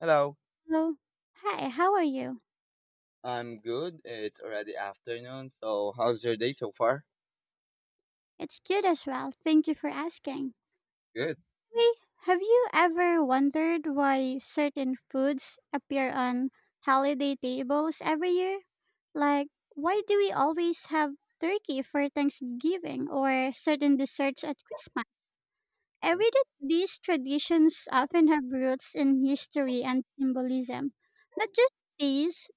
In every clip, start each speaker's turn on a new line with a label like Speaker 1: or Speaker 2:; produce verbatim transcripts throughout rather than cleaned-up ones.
Speaker 1: Hello,
Speaker 2: Hello. Hi, how are you?
Speaker 1: I'm good. It's already afternoon, so how's your day so far?
Speaker 2: It's good as well. Thank you for asking.
Speaker 1: Good.
Speaker 2: Hey, have you ever wondered why certain foods appear on holiday tables every year? Like, why do we always have turkey for Thanksgiving or certain desserts at Christmas? I
Speaker 1: Mhm.
Speaker 2: read that these traditions often have roots in history and symbolism, not just these.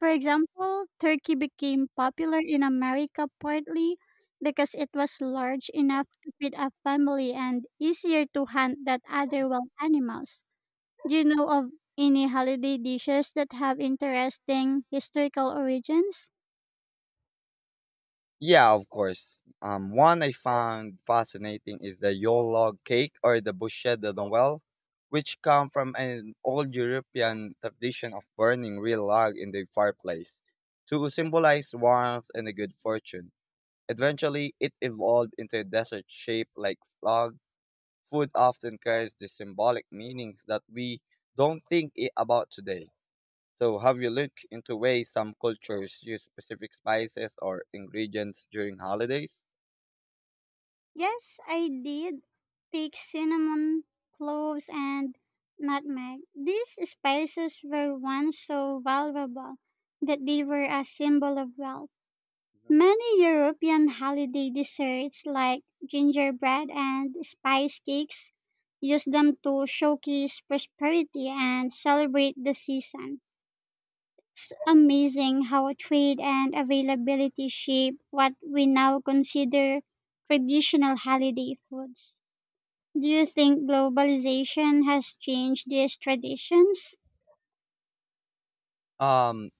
Speaker 2: For example, turkey became popular in America partly because it was large enough to feed a family and easier to hunt than other wild animals. Do you know of any holiday dishes that have interesting historical origins?
Speaker 1: Yeah, of course. Um, one I found fascinating is the yule log cake or the bûche de Noël, which come from an old European tradition of burning real log in the fireplace to symbolize warmth and a good fortune. Eventually, it evolved into a desert shape like log. Food often carries the symbolic meanings that we don't think i- about today. So, have you looked into ways some cultures use specific spices or ingredients during holidays?
Speaker 2: Yes, I did take cinnamon, cloves, and nutmeg. These spices were once so valuable that they were a symbol of wealth.
Speaker 1: Mhm.
Speaker 2: Many European holiday desserts like gingerbread and spice cakes use them to showcase prosperity and celebrate the season. It's amazing how trade and availability shape what we now consider traditional holiday foods. Do you think globalization has changed these traditions?
Speaker 1: Um,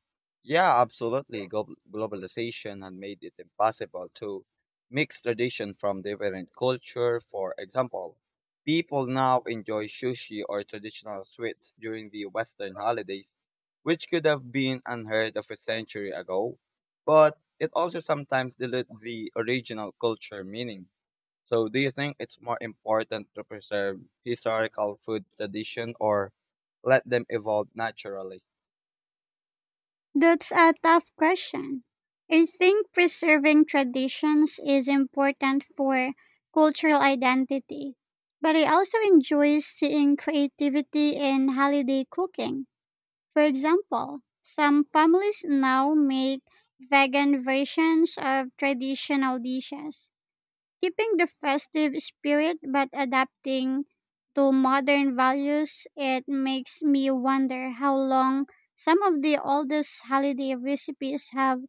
Speaker 1: yeah, absolutely. Glo- globalization had made it impossible to mix tradition from different culture. For example, people now enjoy sushi or traditional sweets during the Western holidays, which could have been unheard of a century ago. But it also sometimes dilutes the original culture meaning. So, do you think it's more important to preserve historical food tradition or let them evolve naturally?
Speaker 2: That's a tough question. I think preserving traditions is important for cultural identity, but I also enjoy seeing creativity in holiday cooking. For example, some families now make vegan versions of traditional dishes, keeping the festive spirit but adapting to modern values. It makes me wonder how long some of the oldest holiday recipes have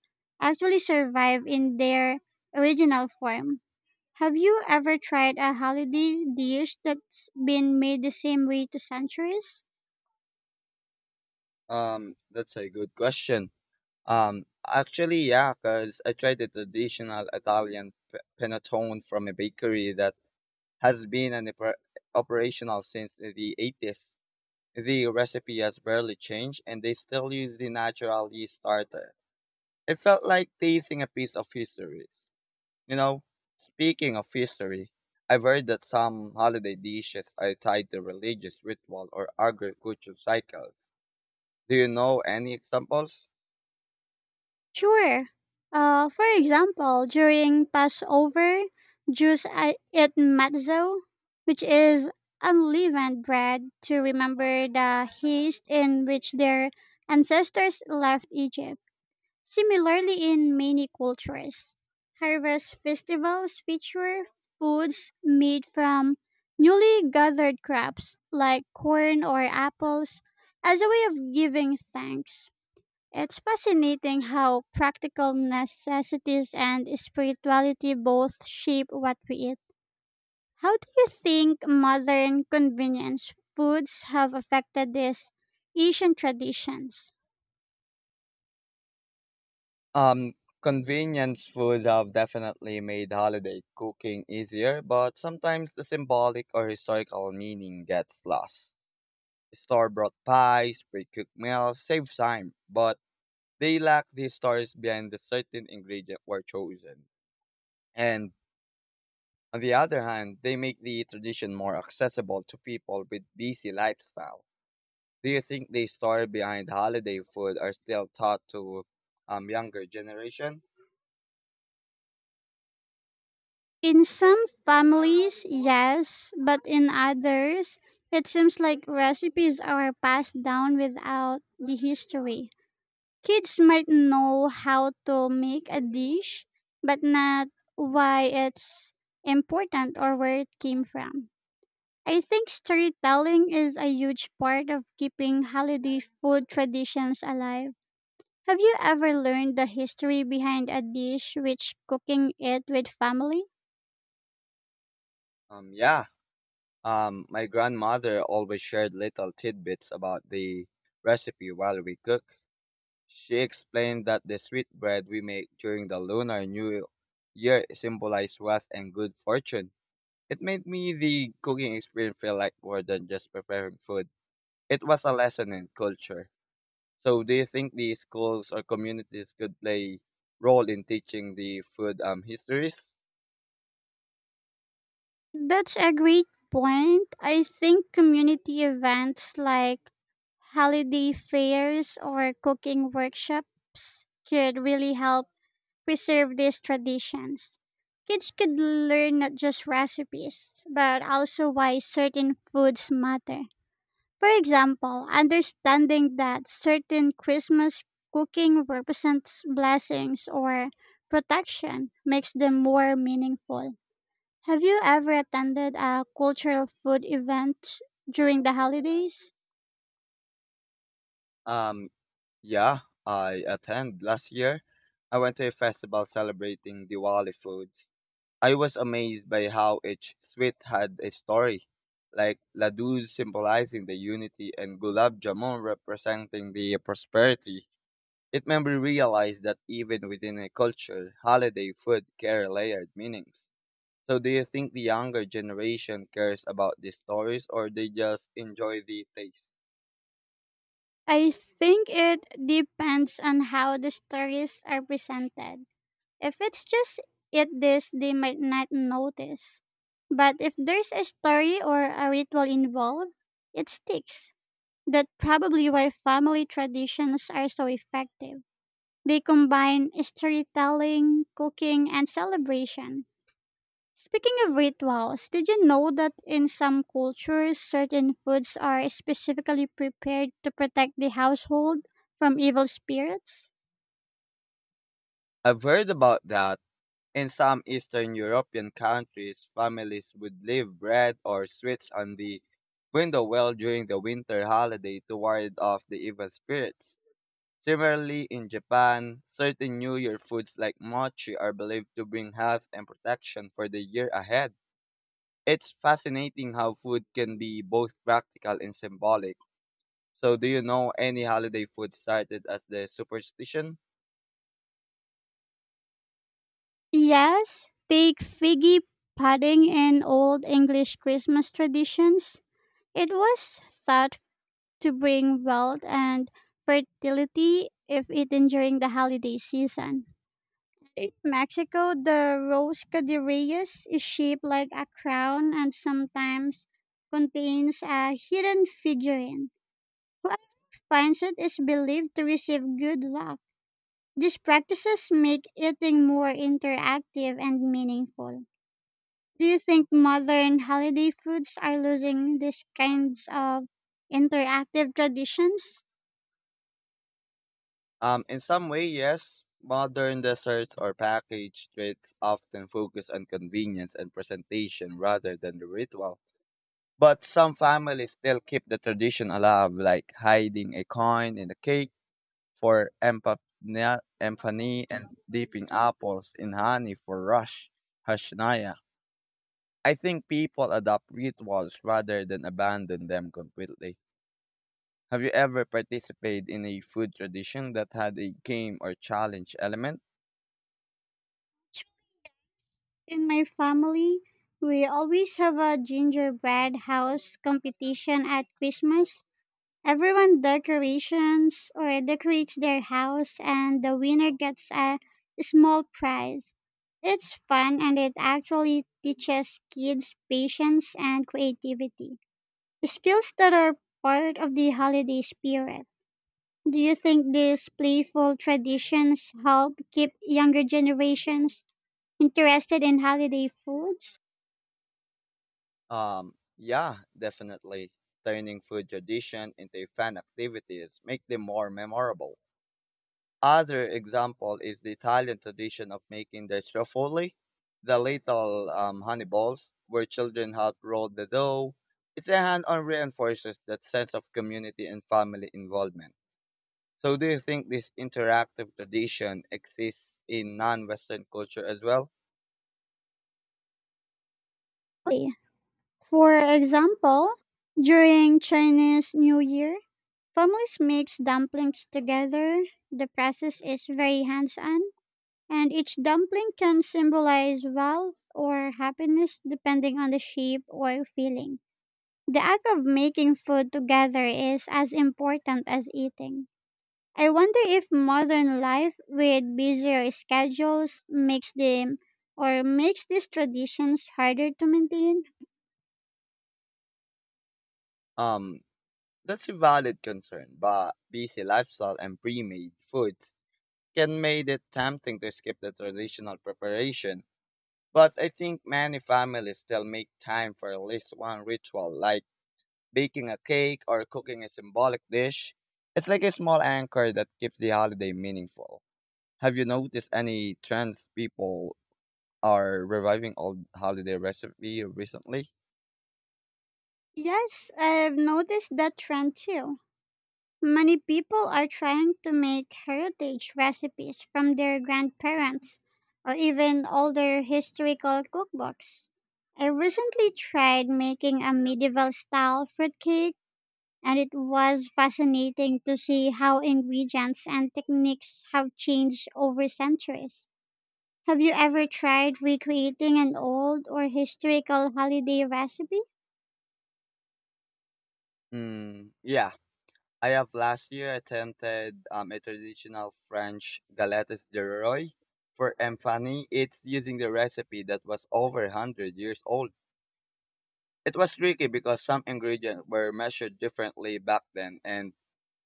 Speaker 2: actually survived in their original form. Have you ever tried a holiday dish that's been made the same way to centuries?
Speaker 1: Um, that's a good question. Um, actually, yeah, because I tried the traditional Italian p- panettone from a bakery that has been an oper- operational since the eighties. The recipe has barely changed, and they still use the natural yeast starter. It felt like tasting a piece of history. You know, speaking of history, I've heard that some holiday dishes are tied to religious ritual or agricultural cycles. Do you know any examples?
Speaker 2: Sure. Uh, for example, during Passover, Jews I- eat matzo, which is unleavened bread, to remember the haste in which their ancestors left Egypt. Similarly, in many cultures, harvest festivals feature foods made from newly gathered crops like corn or apples as a way of giving thanks. It's fascinating how practical necessities and spirituality both shape what we eat. How do you think modern convenience foods have affected these Asian traditions?
Speaker 1: Um, Convenience food have definitely made holiday cooking easier, but sometimes the symbolic or historical meaning gets lost. Store-bought pies, pre-cooked meals save time, but they lack the stories behind the certain ingredient were chosen. And on the other hand, they make the tradition more accessible to people with busy lifestyle. Do you think the story behind holiday food are still taught to um younger generation?
Speaker 2: In some families, yes, but in others, it seems like recipes are passed down without the history. Kids might know how to make a dish, but not why it's important or where it came from. I think storytelling is a huge part of keeping holiday food traditions alive. Have you ever learned the history behind a dish which cooking it with family?
Speaker 1: Um, yeah. Um, my grandmother always shared little tidbits about the recipe while we cook. She explained that the sweet bread we make during the Lunar New Year symbolized wealth and good fortune. It made me the cooking experience feel like more than just preparing food. It was a lesson in culture. So, do you think the schools or communities could play role in teaching the food um histories?
Speaker 2: That's a great point. I think community events like holiday fairs or cooking workshops could really help preserve these traditions. Kids could learn not just recipes, but also why certain foods matter. For example, understanding that certain Christmas cooking represents blessings or protection makes them more meaningful. Have you ever attended a cultural food event during the holidays?
Speaker 1: Um, Yeah, I attend. Last year, I went to a festival celebrating Diwali foods. I was amazed by how each sweet had a story, like ladoos symbolizing the unity and gulab jamun representing the prosperity. It made me realize that even within a culture, holiday food carry layered meanings. So, do you think the younger generation cares about these stories or they just enjoy the taste?
Speaker 2: I think it depends on how the stories are presented. If it's just eat this, they might not notice. But if there's a story or a ritual involved, it sticks. That's probably why family traditions are so effective. They combine storytelling, cooking, and celebration. Speaking of rituals, did you know that in some cultures, certain foods are specifically prepared to protect the household from evil spirits?
Speaker 1: I've heard about that. In some Eastern European countries, families would leave bread or sweets on the window well during the winter holiday to ward off the evil spirits. Similarly, in Japan, certain New Year foods like mochi are believed to bring health and protection for the year ahead. It's fascinating how food can be both practical and symbolic. So, do you know any holiday food started as the superstition?
Speaker 2: Yes, take figgy pudding and old English Christmas traditions. It was thought to bring wealth and fertility if eaten during the holiday season. In Mexico, the rose cadireyes is shaped like a crown and sometimes contains a hidden figurine. Whoever finds it is believed to receive good luck. These practices make eating more interactive and meaningful. Do you think modern holiday foods are losing these kinds of interactive traditions?
Speaker 1: Um, in some way, yes, modern desserts or packaged treats often focus on convenience and presentation rather than the ritual. But some families still keep the tradition alive, like hiding a coin in the cake for empana- emphany and dipping apples in honey for rush hashnaya. I think people adopt rituals rather than abandon them completely. Have you ever participated in a food tradition that had a game or challenge element?
Speaker 2: In my family, we always have a gingerbread house competition at Christmas. Everyone decorations or decorates their house and the winner gets a small prize. It's fun and it actually teaches kids patience and creativity, skills that are part of the holiday spirit. Do you think these playful traditions help keep younger generations interested in holiday foods?
Speaker 1: Um, yeah, definitely. Turning food tradition into fun activities make them more memorable. Other example is the Italian tradition of making the truffoli, the little um, honey balls, where children help roll the dough. It's a hand-on reinforces that sense of community and family involvement. So, do you think this interactive tradition exists in non-Western culture as well?
Speaker 2: Okay. For example, during Chinese New Year, families mix dumplings together. The process is very hands-on, and each dumpling can symbolize wealth or happiness depending on the shape or feeling. The act of making food together is as important as eating. I wonder if modern life with busier schedules makes them or makes these traditions harder to maintain.
Speaker 1: Um, That's a valid concern, but busy lifestyle and pre-made foods can make it tempting to skip the traditional preparation. But I think many families still make time for at least one ritual, like baking a cake or cooking a symbolic dish. It's like a small anchor that keeps the holiday meaningful. Have you noticed any trends people are reviving old holiday recipe recently?
Speaker 2: Yes, I've noticed that trend too. Many people are trying to make heritage recipes from their grandparents or even older historical cookbooks. I recently tried making a medieval style fruitcake and it was fascinating to see how ingredients and techniques have changed over centuries. Have you ever tried recreating an old or historical holiday recipe?
Speaker 1: Mm, yeah. I have last year attempted um, a traditional French galettes de Roy for Empany. It's using the recipe that was over one hundred years old. It was tricky because some ingredients were measured differently back then and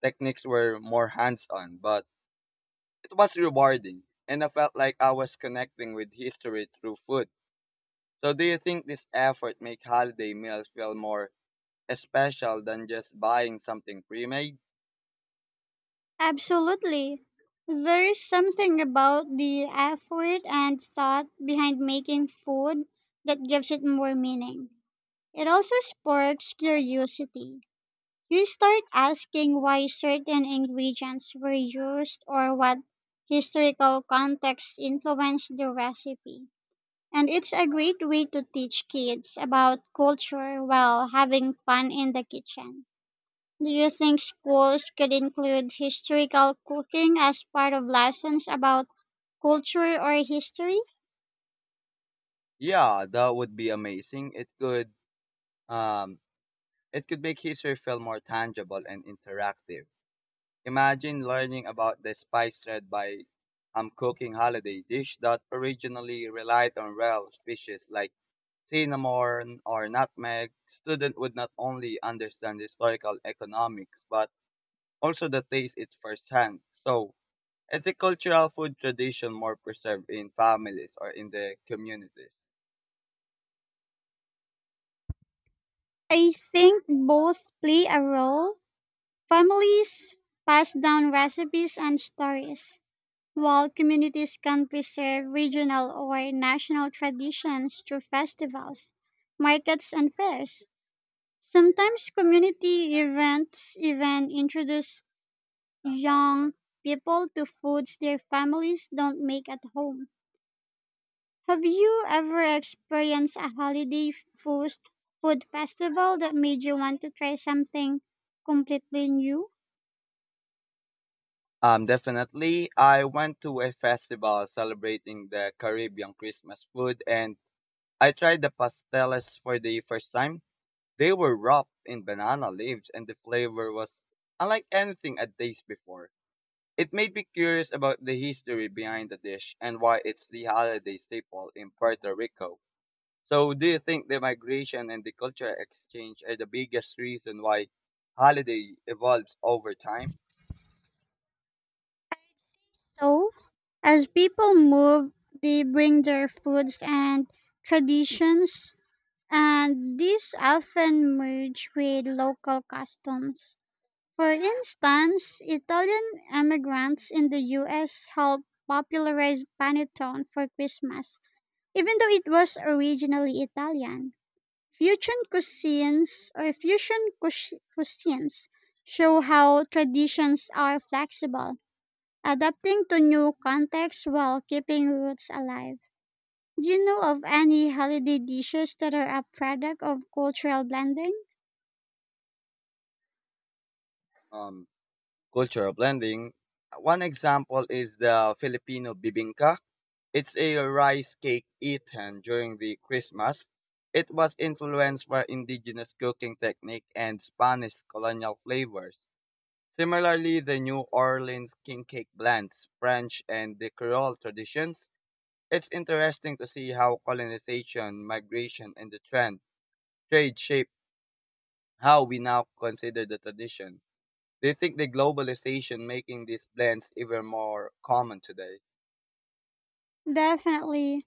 Speaker 1: techniques were more hands-on, but it was rewarding and I felt like I was connecting with history through food. So do you think this effort make holiday meals feel more special than just buying something pre-made?
Speaker 2: Absolutely. There is something about the effort and thought behind making food that gives it more meaning. It also sparks curiosity. You start asking why certain ingredients were used or what historical context influenced the recipe. And it's a great way to teach kids about culture while having fun in the kitchen. Do you think schools could include historical cooking as part of lessons about culture or history?
Speaker 1: Yeah, that would be amazing. It could Um, it could make history feel more tangible and interactive. Imagine learning about the spice trade by um, cooking holiday dish that originally relied on rare species like cinnamon or nutmeg. Student would not only understand historical economics but also the taste it firsthand. So it's a cultural food tradition more preserved in families or in the communities.
Speaker 2: I think both play a role. Families pass down recipes and stories, while communities can preserve regional or national traditions through festivals, markets, and fairs. Sometimes community events even introduce young people to foods their families don't make at home. Have you ever experienced a holiday food, food festival that made you want to try something completely new?
Speaker 1: Um, definitely. I went to a festival celebrating the Caribbean Christmas food and I tried the pasteles for the first time. They were wrapped in banana leaves and the flavor was unlike anything I'd tasted before. It made me curious about the history behind the dish and why it's the holiday staple in Puerto Rico. So, do you think the migration and the cultural exchange are the biggest reason why holiday evolves over time?
Speaker 2: So, as people move, they bring their foods and traditions, and these often merge with local customs. For instance, Italian immigrants in the U S helped popularize panettone for Christmas, even though it was originally Italian. Fusion cuisines or fusion cuis- cuisines show how traditions are flexible, adapting to new contexts while keeping roots alive. Do you know of any holiday dishes that are a product of cultural blending?
Speaker 1: Um, Cultural blending. One example is the Filipino bibingka. It's a rice cake eaten during the Christmas. It was influenced by indigenous cooking technique and Spanish colonial flavors. Similarly, the New Orleans king cake blends French and the Creole traditions. It's interesting to see how colonization, migration, and the trend trade shape how we now consider the tradition. Do you think the globalization making these blends even more common today?
Speaker 2: Definitely.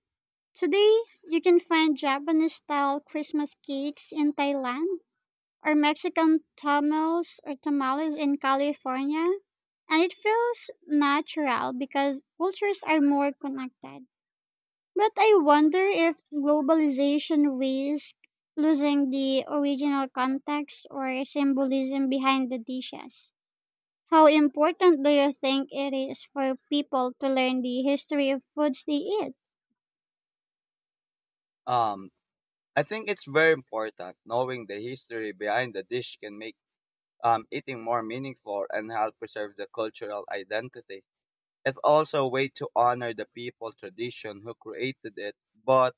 Speaker 2: Today, you can find Japanese style Christmas cakes in Thailand, or Mexican tamales or tamales in California. And it feels natural because cultures are more connected. But I wonder if globalization risks losing the original context or symbolism behind the dishes. How important do you think it is for people to learn the history of foods they eat?
Speaker 1: Um, I think it's very important knowing the history behind the dish can make um, eating more meaningful and help preserve the cultural identity. It's also a way to honor the people tradition who created it. But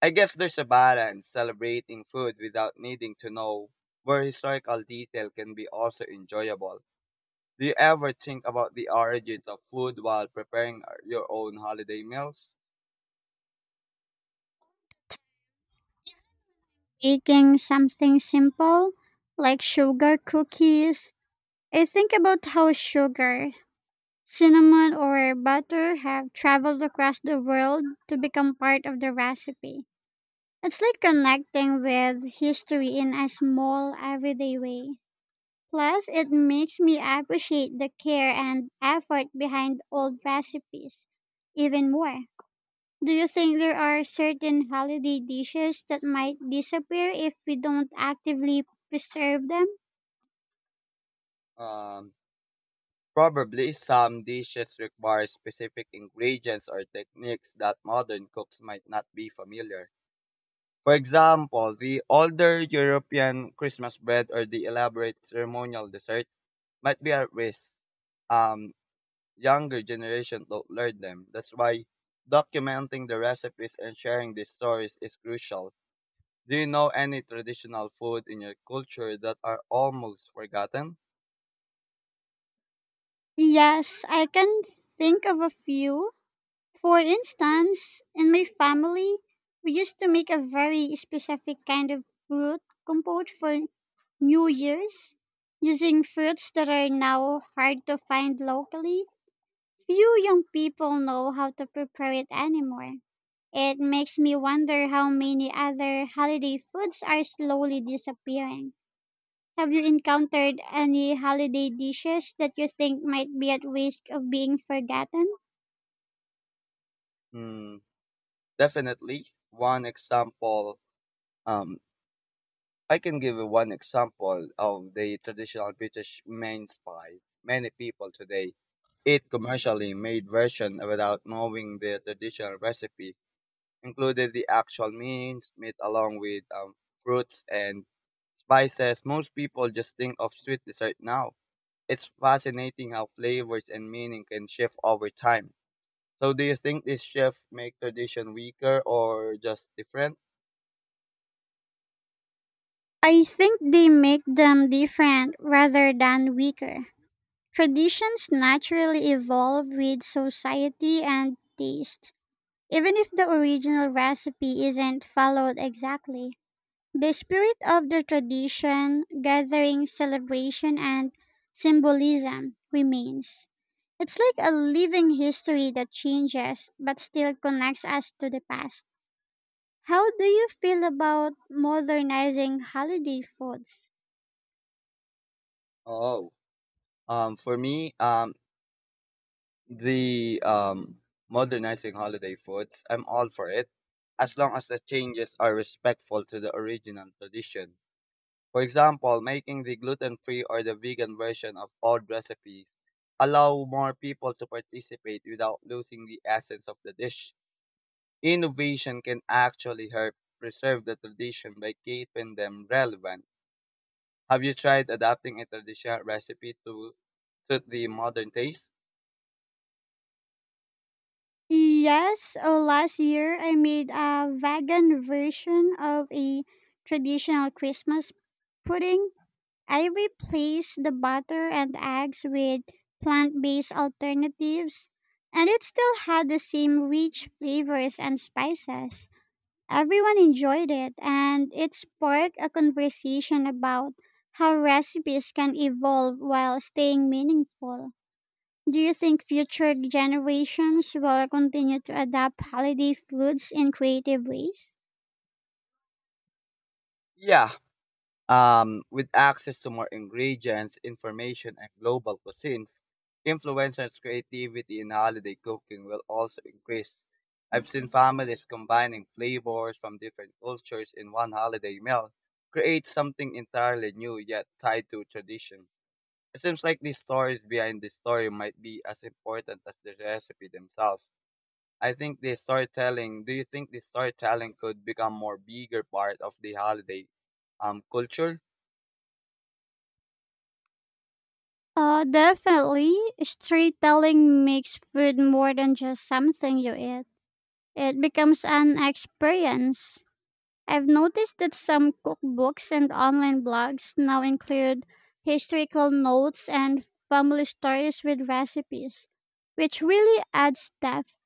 Speaker 1: I guess there's a balance celebrating food without needing to know where historical detail can be also enjoyable. Do you ever think about the origins of food while preparing uh, your own holiday meals?
Speaker 2: Making something simple like sugar cookies. I think about how sugar, cinnamon, or butter have traveled across the world to become part of the recipe. It's like connecting with history in a small, everyday way. Plus, it makes me appreciate the care and effort behind old recipes even more. Do you think there are certain holiday dishes that might disappear if we don't actively preserve them?
Speaker 1: Um, Probably some dishes require specific ingredients or techniques that modern cooks might not be familiar. For example, the older European Christmas bread or the elaborate ceremonial dessert might be at risk. Um, Younger generation don't learn them. That's why documenting the recipes and sharing these stories is crucial. Do you know any traditional food in your culture that are almost forgotten?
Speaker 2: Yes, I can think of a few. For instance, in my family, we used to make a very specific kind of fruit compote for New Year's, using foods that are now hard to find locally. Few young people know how to prepare it anymore. It makes me wonder how many other holiday foods are slowly disappearing. Have you encountered any holiday dishes that you think might be at risk of being forgotten?
Speaker 1: Mm, definitely. One example, um, I can give you one example of the traditional British mince pie. Many people today eat commercially made version without knowing the traditional recipe, including the actual means, meat along with um, fruits and spices. Most people just think of sweet dessert now. It's fascinating how flavors and meaning can shift over time. So do you think this shift make tradition weaker or just different?
Speaker 2: I think they make them different rather than weaker. Traditions naturally evolve with society and taste. Even if the original recipe isn't followed exactly, the spirit of the tradition, gathering, celebration, and symbolism remains. It's like a living history that changes but still connects us to the past. How do you feel about modernizing holiday foods?
Speaker 1: Oh, Um, for me, um, the um, modernizing holiday foods, I'm all for it, as long as the changes are respectful to the original tradition. For example, making the gluten-free or the vegan version of old recipes allow more people to participate without losing the essence of the dish. Innovation can actually help preserve the tradition by keeping them relevant. Have you tried adapting a traditional recipe to suit the modern taste?
Speaker 2: Yes, oh, last year I made a vegan version of a traditional Christmas pudding. I replaced the butter and eggs with plant based alternatives, and it still had the same rich flavors and spices. Everyone enjoyed it, and it sparked a conversation about how recipes can evolve while staying meaningful. Do you think future generations will continue to adapt holiday foods in creative ways?
Speaker 1: Yeah. Um, with access to more ingredients, information, and global cuisines, influencers' creativity in holiday cooking will also increase. I've seen families combining flavors from different cultures in one holiday meal, create something entirely new yet tied to tradition. It seems like the stories behind the story might be as important as the recipe themselves. I think the storytelling, do you think the storytelling could become more bigger part of the holiday um culture?
Speaker 2: Uh, definitely. Storytelling makes food more than just something you eat. It becomes an experience. I've noticed that some cookbooks and online blogs now include historical notes and family stories with recipes, which really adds depth.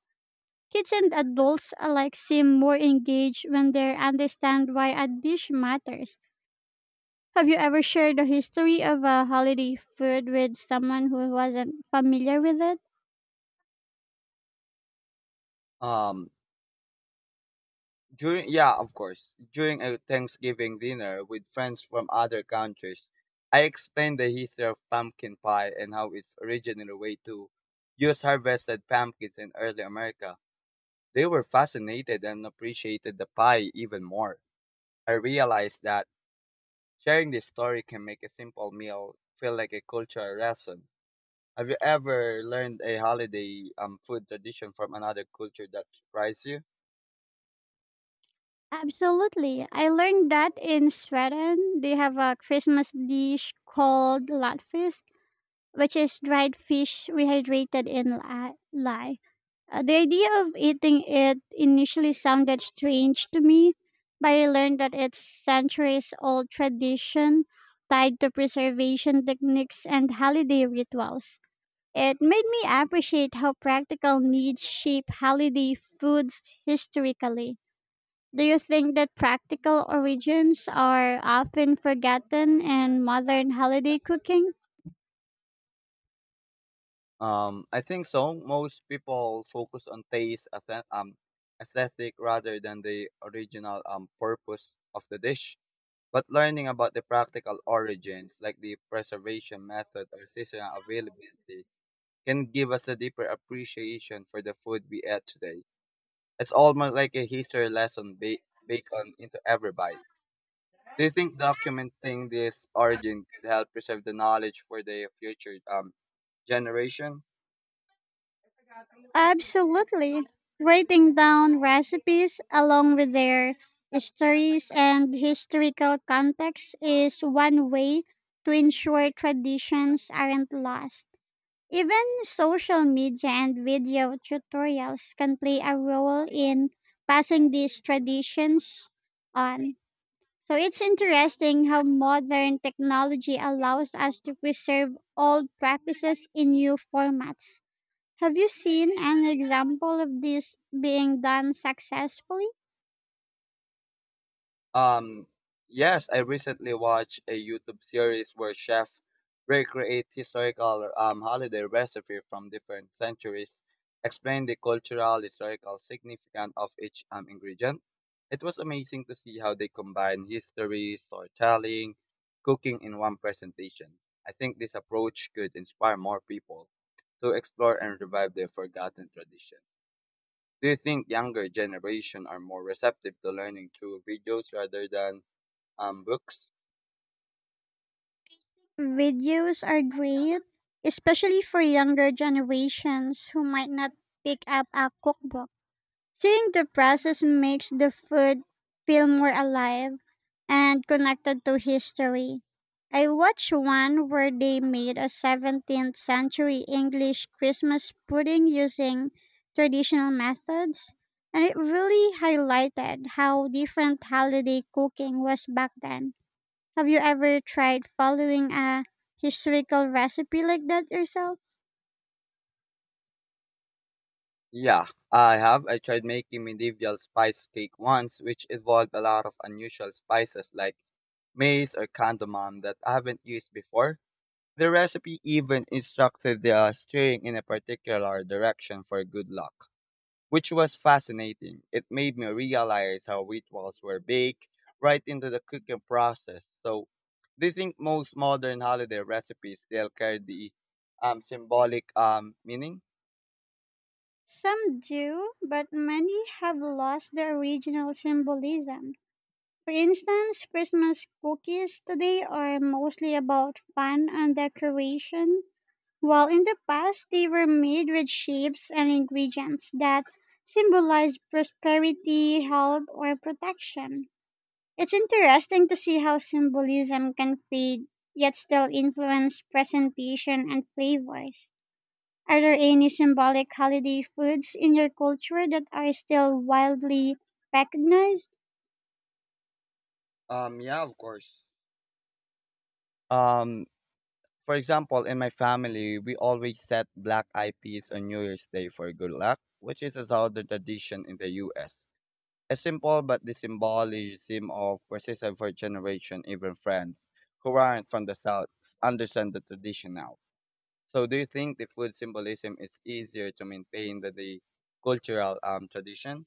Speaker 2: Kids and adults alike seem more engaged when they understand why a dish matters. Have you ever shared the history of a holiday food with someone who wasn't familiar with it?
Speaker 1: Um during Yeah, of course. During a Thanksgiving dinner with friends from other countries, I explained the history of pumpkin pie and how it's originally a way to use harvested pumpkins in early America. They were fascinated and appreciated the pie even more. I realized that sharing this story can make a simple meal feel like a cultural lesson. Have you ever learned a holiday um, food tradition from another culture that surprised you?
Speaker 2: Absolutely. I learned that in Sweden, they have a Christmas dish called latfisk, which is dried fish rehydrated in li- lye. Uh, the idea of eating it initially sounded strange to me, but I learned that it's centuries old tradition tied to preservation techniques and holiday rituals. It made me appreciate how practical needs shape holiday foods historically. Do you think that practical origins are often forgotten in modern holiday cooking?
Speaker 1: Um, I think so. Most people focus on taste, aesthe- um, aesthetic rather than the original um, purpose of the dish. But learning about the practical origins, like the preservation method or seasonal availability, can give us a deeper appreciation for the food we eat today. It's almost like a history lesson ba- baked on into every bite. Do you think documenting this origin could help preserve the knowledge for the future um, generation?
Speaker 2: Absolutely. Writing down recipes along with their stories and historical context is one way to ensure traditions aren't lost. Even social media and video tutorials can play a role in passing these traditions on. So it's interesting how modern technology allows us to preserve old practices in new formats. Have you seen an example of this being done successfully?
Speaker 1: Um, yes, I recently watched a YouTube series where chefs recreate historical um, holiday recipe from different centuries, explain the cultural historical significance of each um, ingredient. It was amazing to see how they combine history, storytelling, cooking in one presentation. I think this approach could inspire more people to explore and revive their forgotten tradition. Do you think younger generation are more receptive to learning through videos rather than um, books.
Speaker 2: Videos are great, especially for younger generations who might not pick up a cookbook. Seeing the process makes the food feel more alive and connected to history. I watched one where they made a seventeenth century English Christmas pudding using traditional methods, and it really highlighted how different holiday cooking was back then. Have you ever tried following a historical recipe like that yourself?
Speaker 1: Yeah, I have. I tried making medieval spice cake once, which involved a lot of unusual spices like mace or cardamom that I haven't used before. The recipe even instructed the uh, stirring in a particular direction for good luck, which was fascinating. It made me realize how rituals were baked right into the cooking process. So, do you think most modern holiday recipes still carry the um, symbolic um, meaning?
Speaker 2: Some do, but many have lost their original symbolism. For instance, Christmas cookies today are mostly about fun and decoration, while in the past they were made with shapes and ingredients that symbolize prosperity, health, or protection. It's interesting to see how symbolism can fade yet still influence presentation and flavors. Are there any symbolic holiday foods in your culture that are still wildly recognized?
Speaker 1: Um, yeah, of course. Um, for example, in my family, we always set black eyed peas on New Year's Day for good luck, which is a southern tradition in the U S. A simple but the symbolism of persistence for generation, even friends who aren't from the South understand the tradition now. So, do you think the food symbolism is easier to maintain than the cultural um tradition?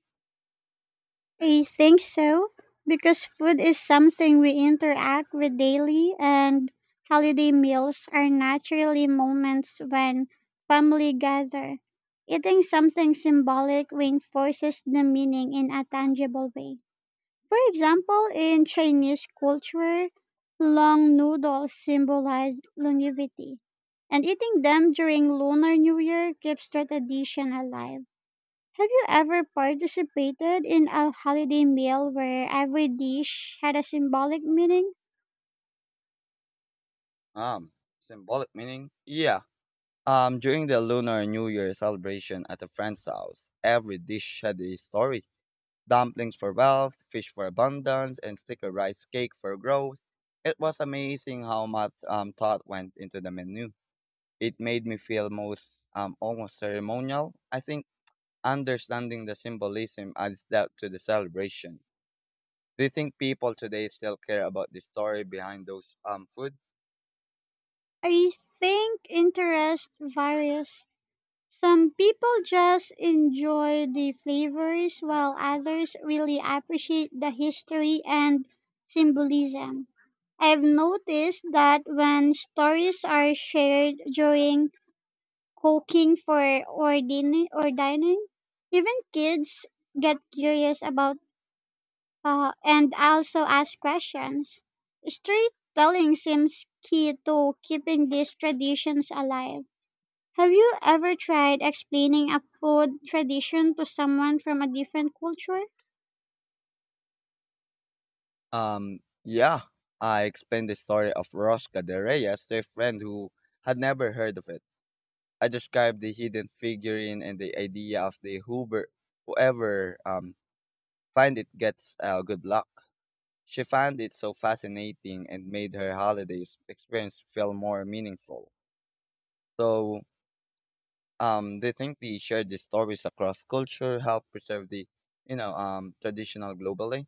Speaker 2: I think so, because food is something we interact with daily, and holiday meals are naturally moments when family gather. Eating something symbolic reinforces the meaning in a tangible way. For example, in Chinese culture, long noodles symbolize longevity, and eating them during Lunar New Year keeps the tradition alive. Have you ever participated in a holiday meal where every dish had a symbolic meaning?
Speaker 1: Um, Symbolic meaning? Yeah, Um, during the Lunar New Year celebration at a friend's house, every dish had a story. Dumplings for wealth, fish for abundance, and sticker rice cake for growth. It was amazing how much um, thought went into the menu. It made me feel most um, almost ceremonial. I think understanding the symbolism adds depth to the celebration. Do you think people today still care about the story behind those um, food?
Speaker 2: I think interest varies. Some people just enjoy the flavors while others really appreciate the history and symbolism. I've noticed that when stories are shared during cooking for or dinner or dining, even kids get curious about. Uh, and I also ask questions. Storytelling seems key to keeping these traditions alive. Have you ever tried explaining a food tradition to someone from a different culture?
Speaker 1: Um, yeah, I explained the story of Rosca de Reyes to a friend who had never heard of it. I described the hidden figurine and the idea of the Hoover, whoever um, find it gets uh, good luck. She found it so fascinating and made her holidays experience feel more meaningful. So, um, they think the shared the stories across culture help preserve the, you know, um, traditional globally.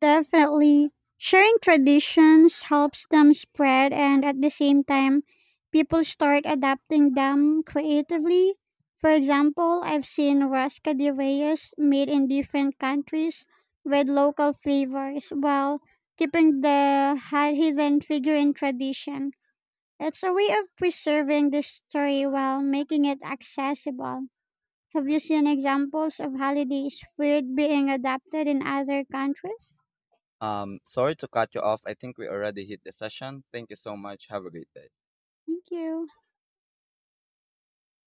Speaker 2: Definitely. Sharing traditions helps them spread, and at the same time, people start adapting them creatively. For example, I've seen rasca de reyes made in different countries with local flavors while keeping the hi- hidden Figurine tradition. It's a way of preserving the story while making it accessible. Have you seen examples of holidays food being adapted in other countries?
Speaker 1: Um, sorry to cut you off. I think we already hit the session. Thank you so much. Have a great day.
Speaker 2: Thank you.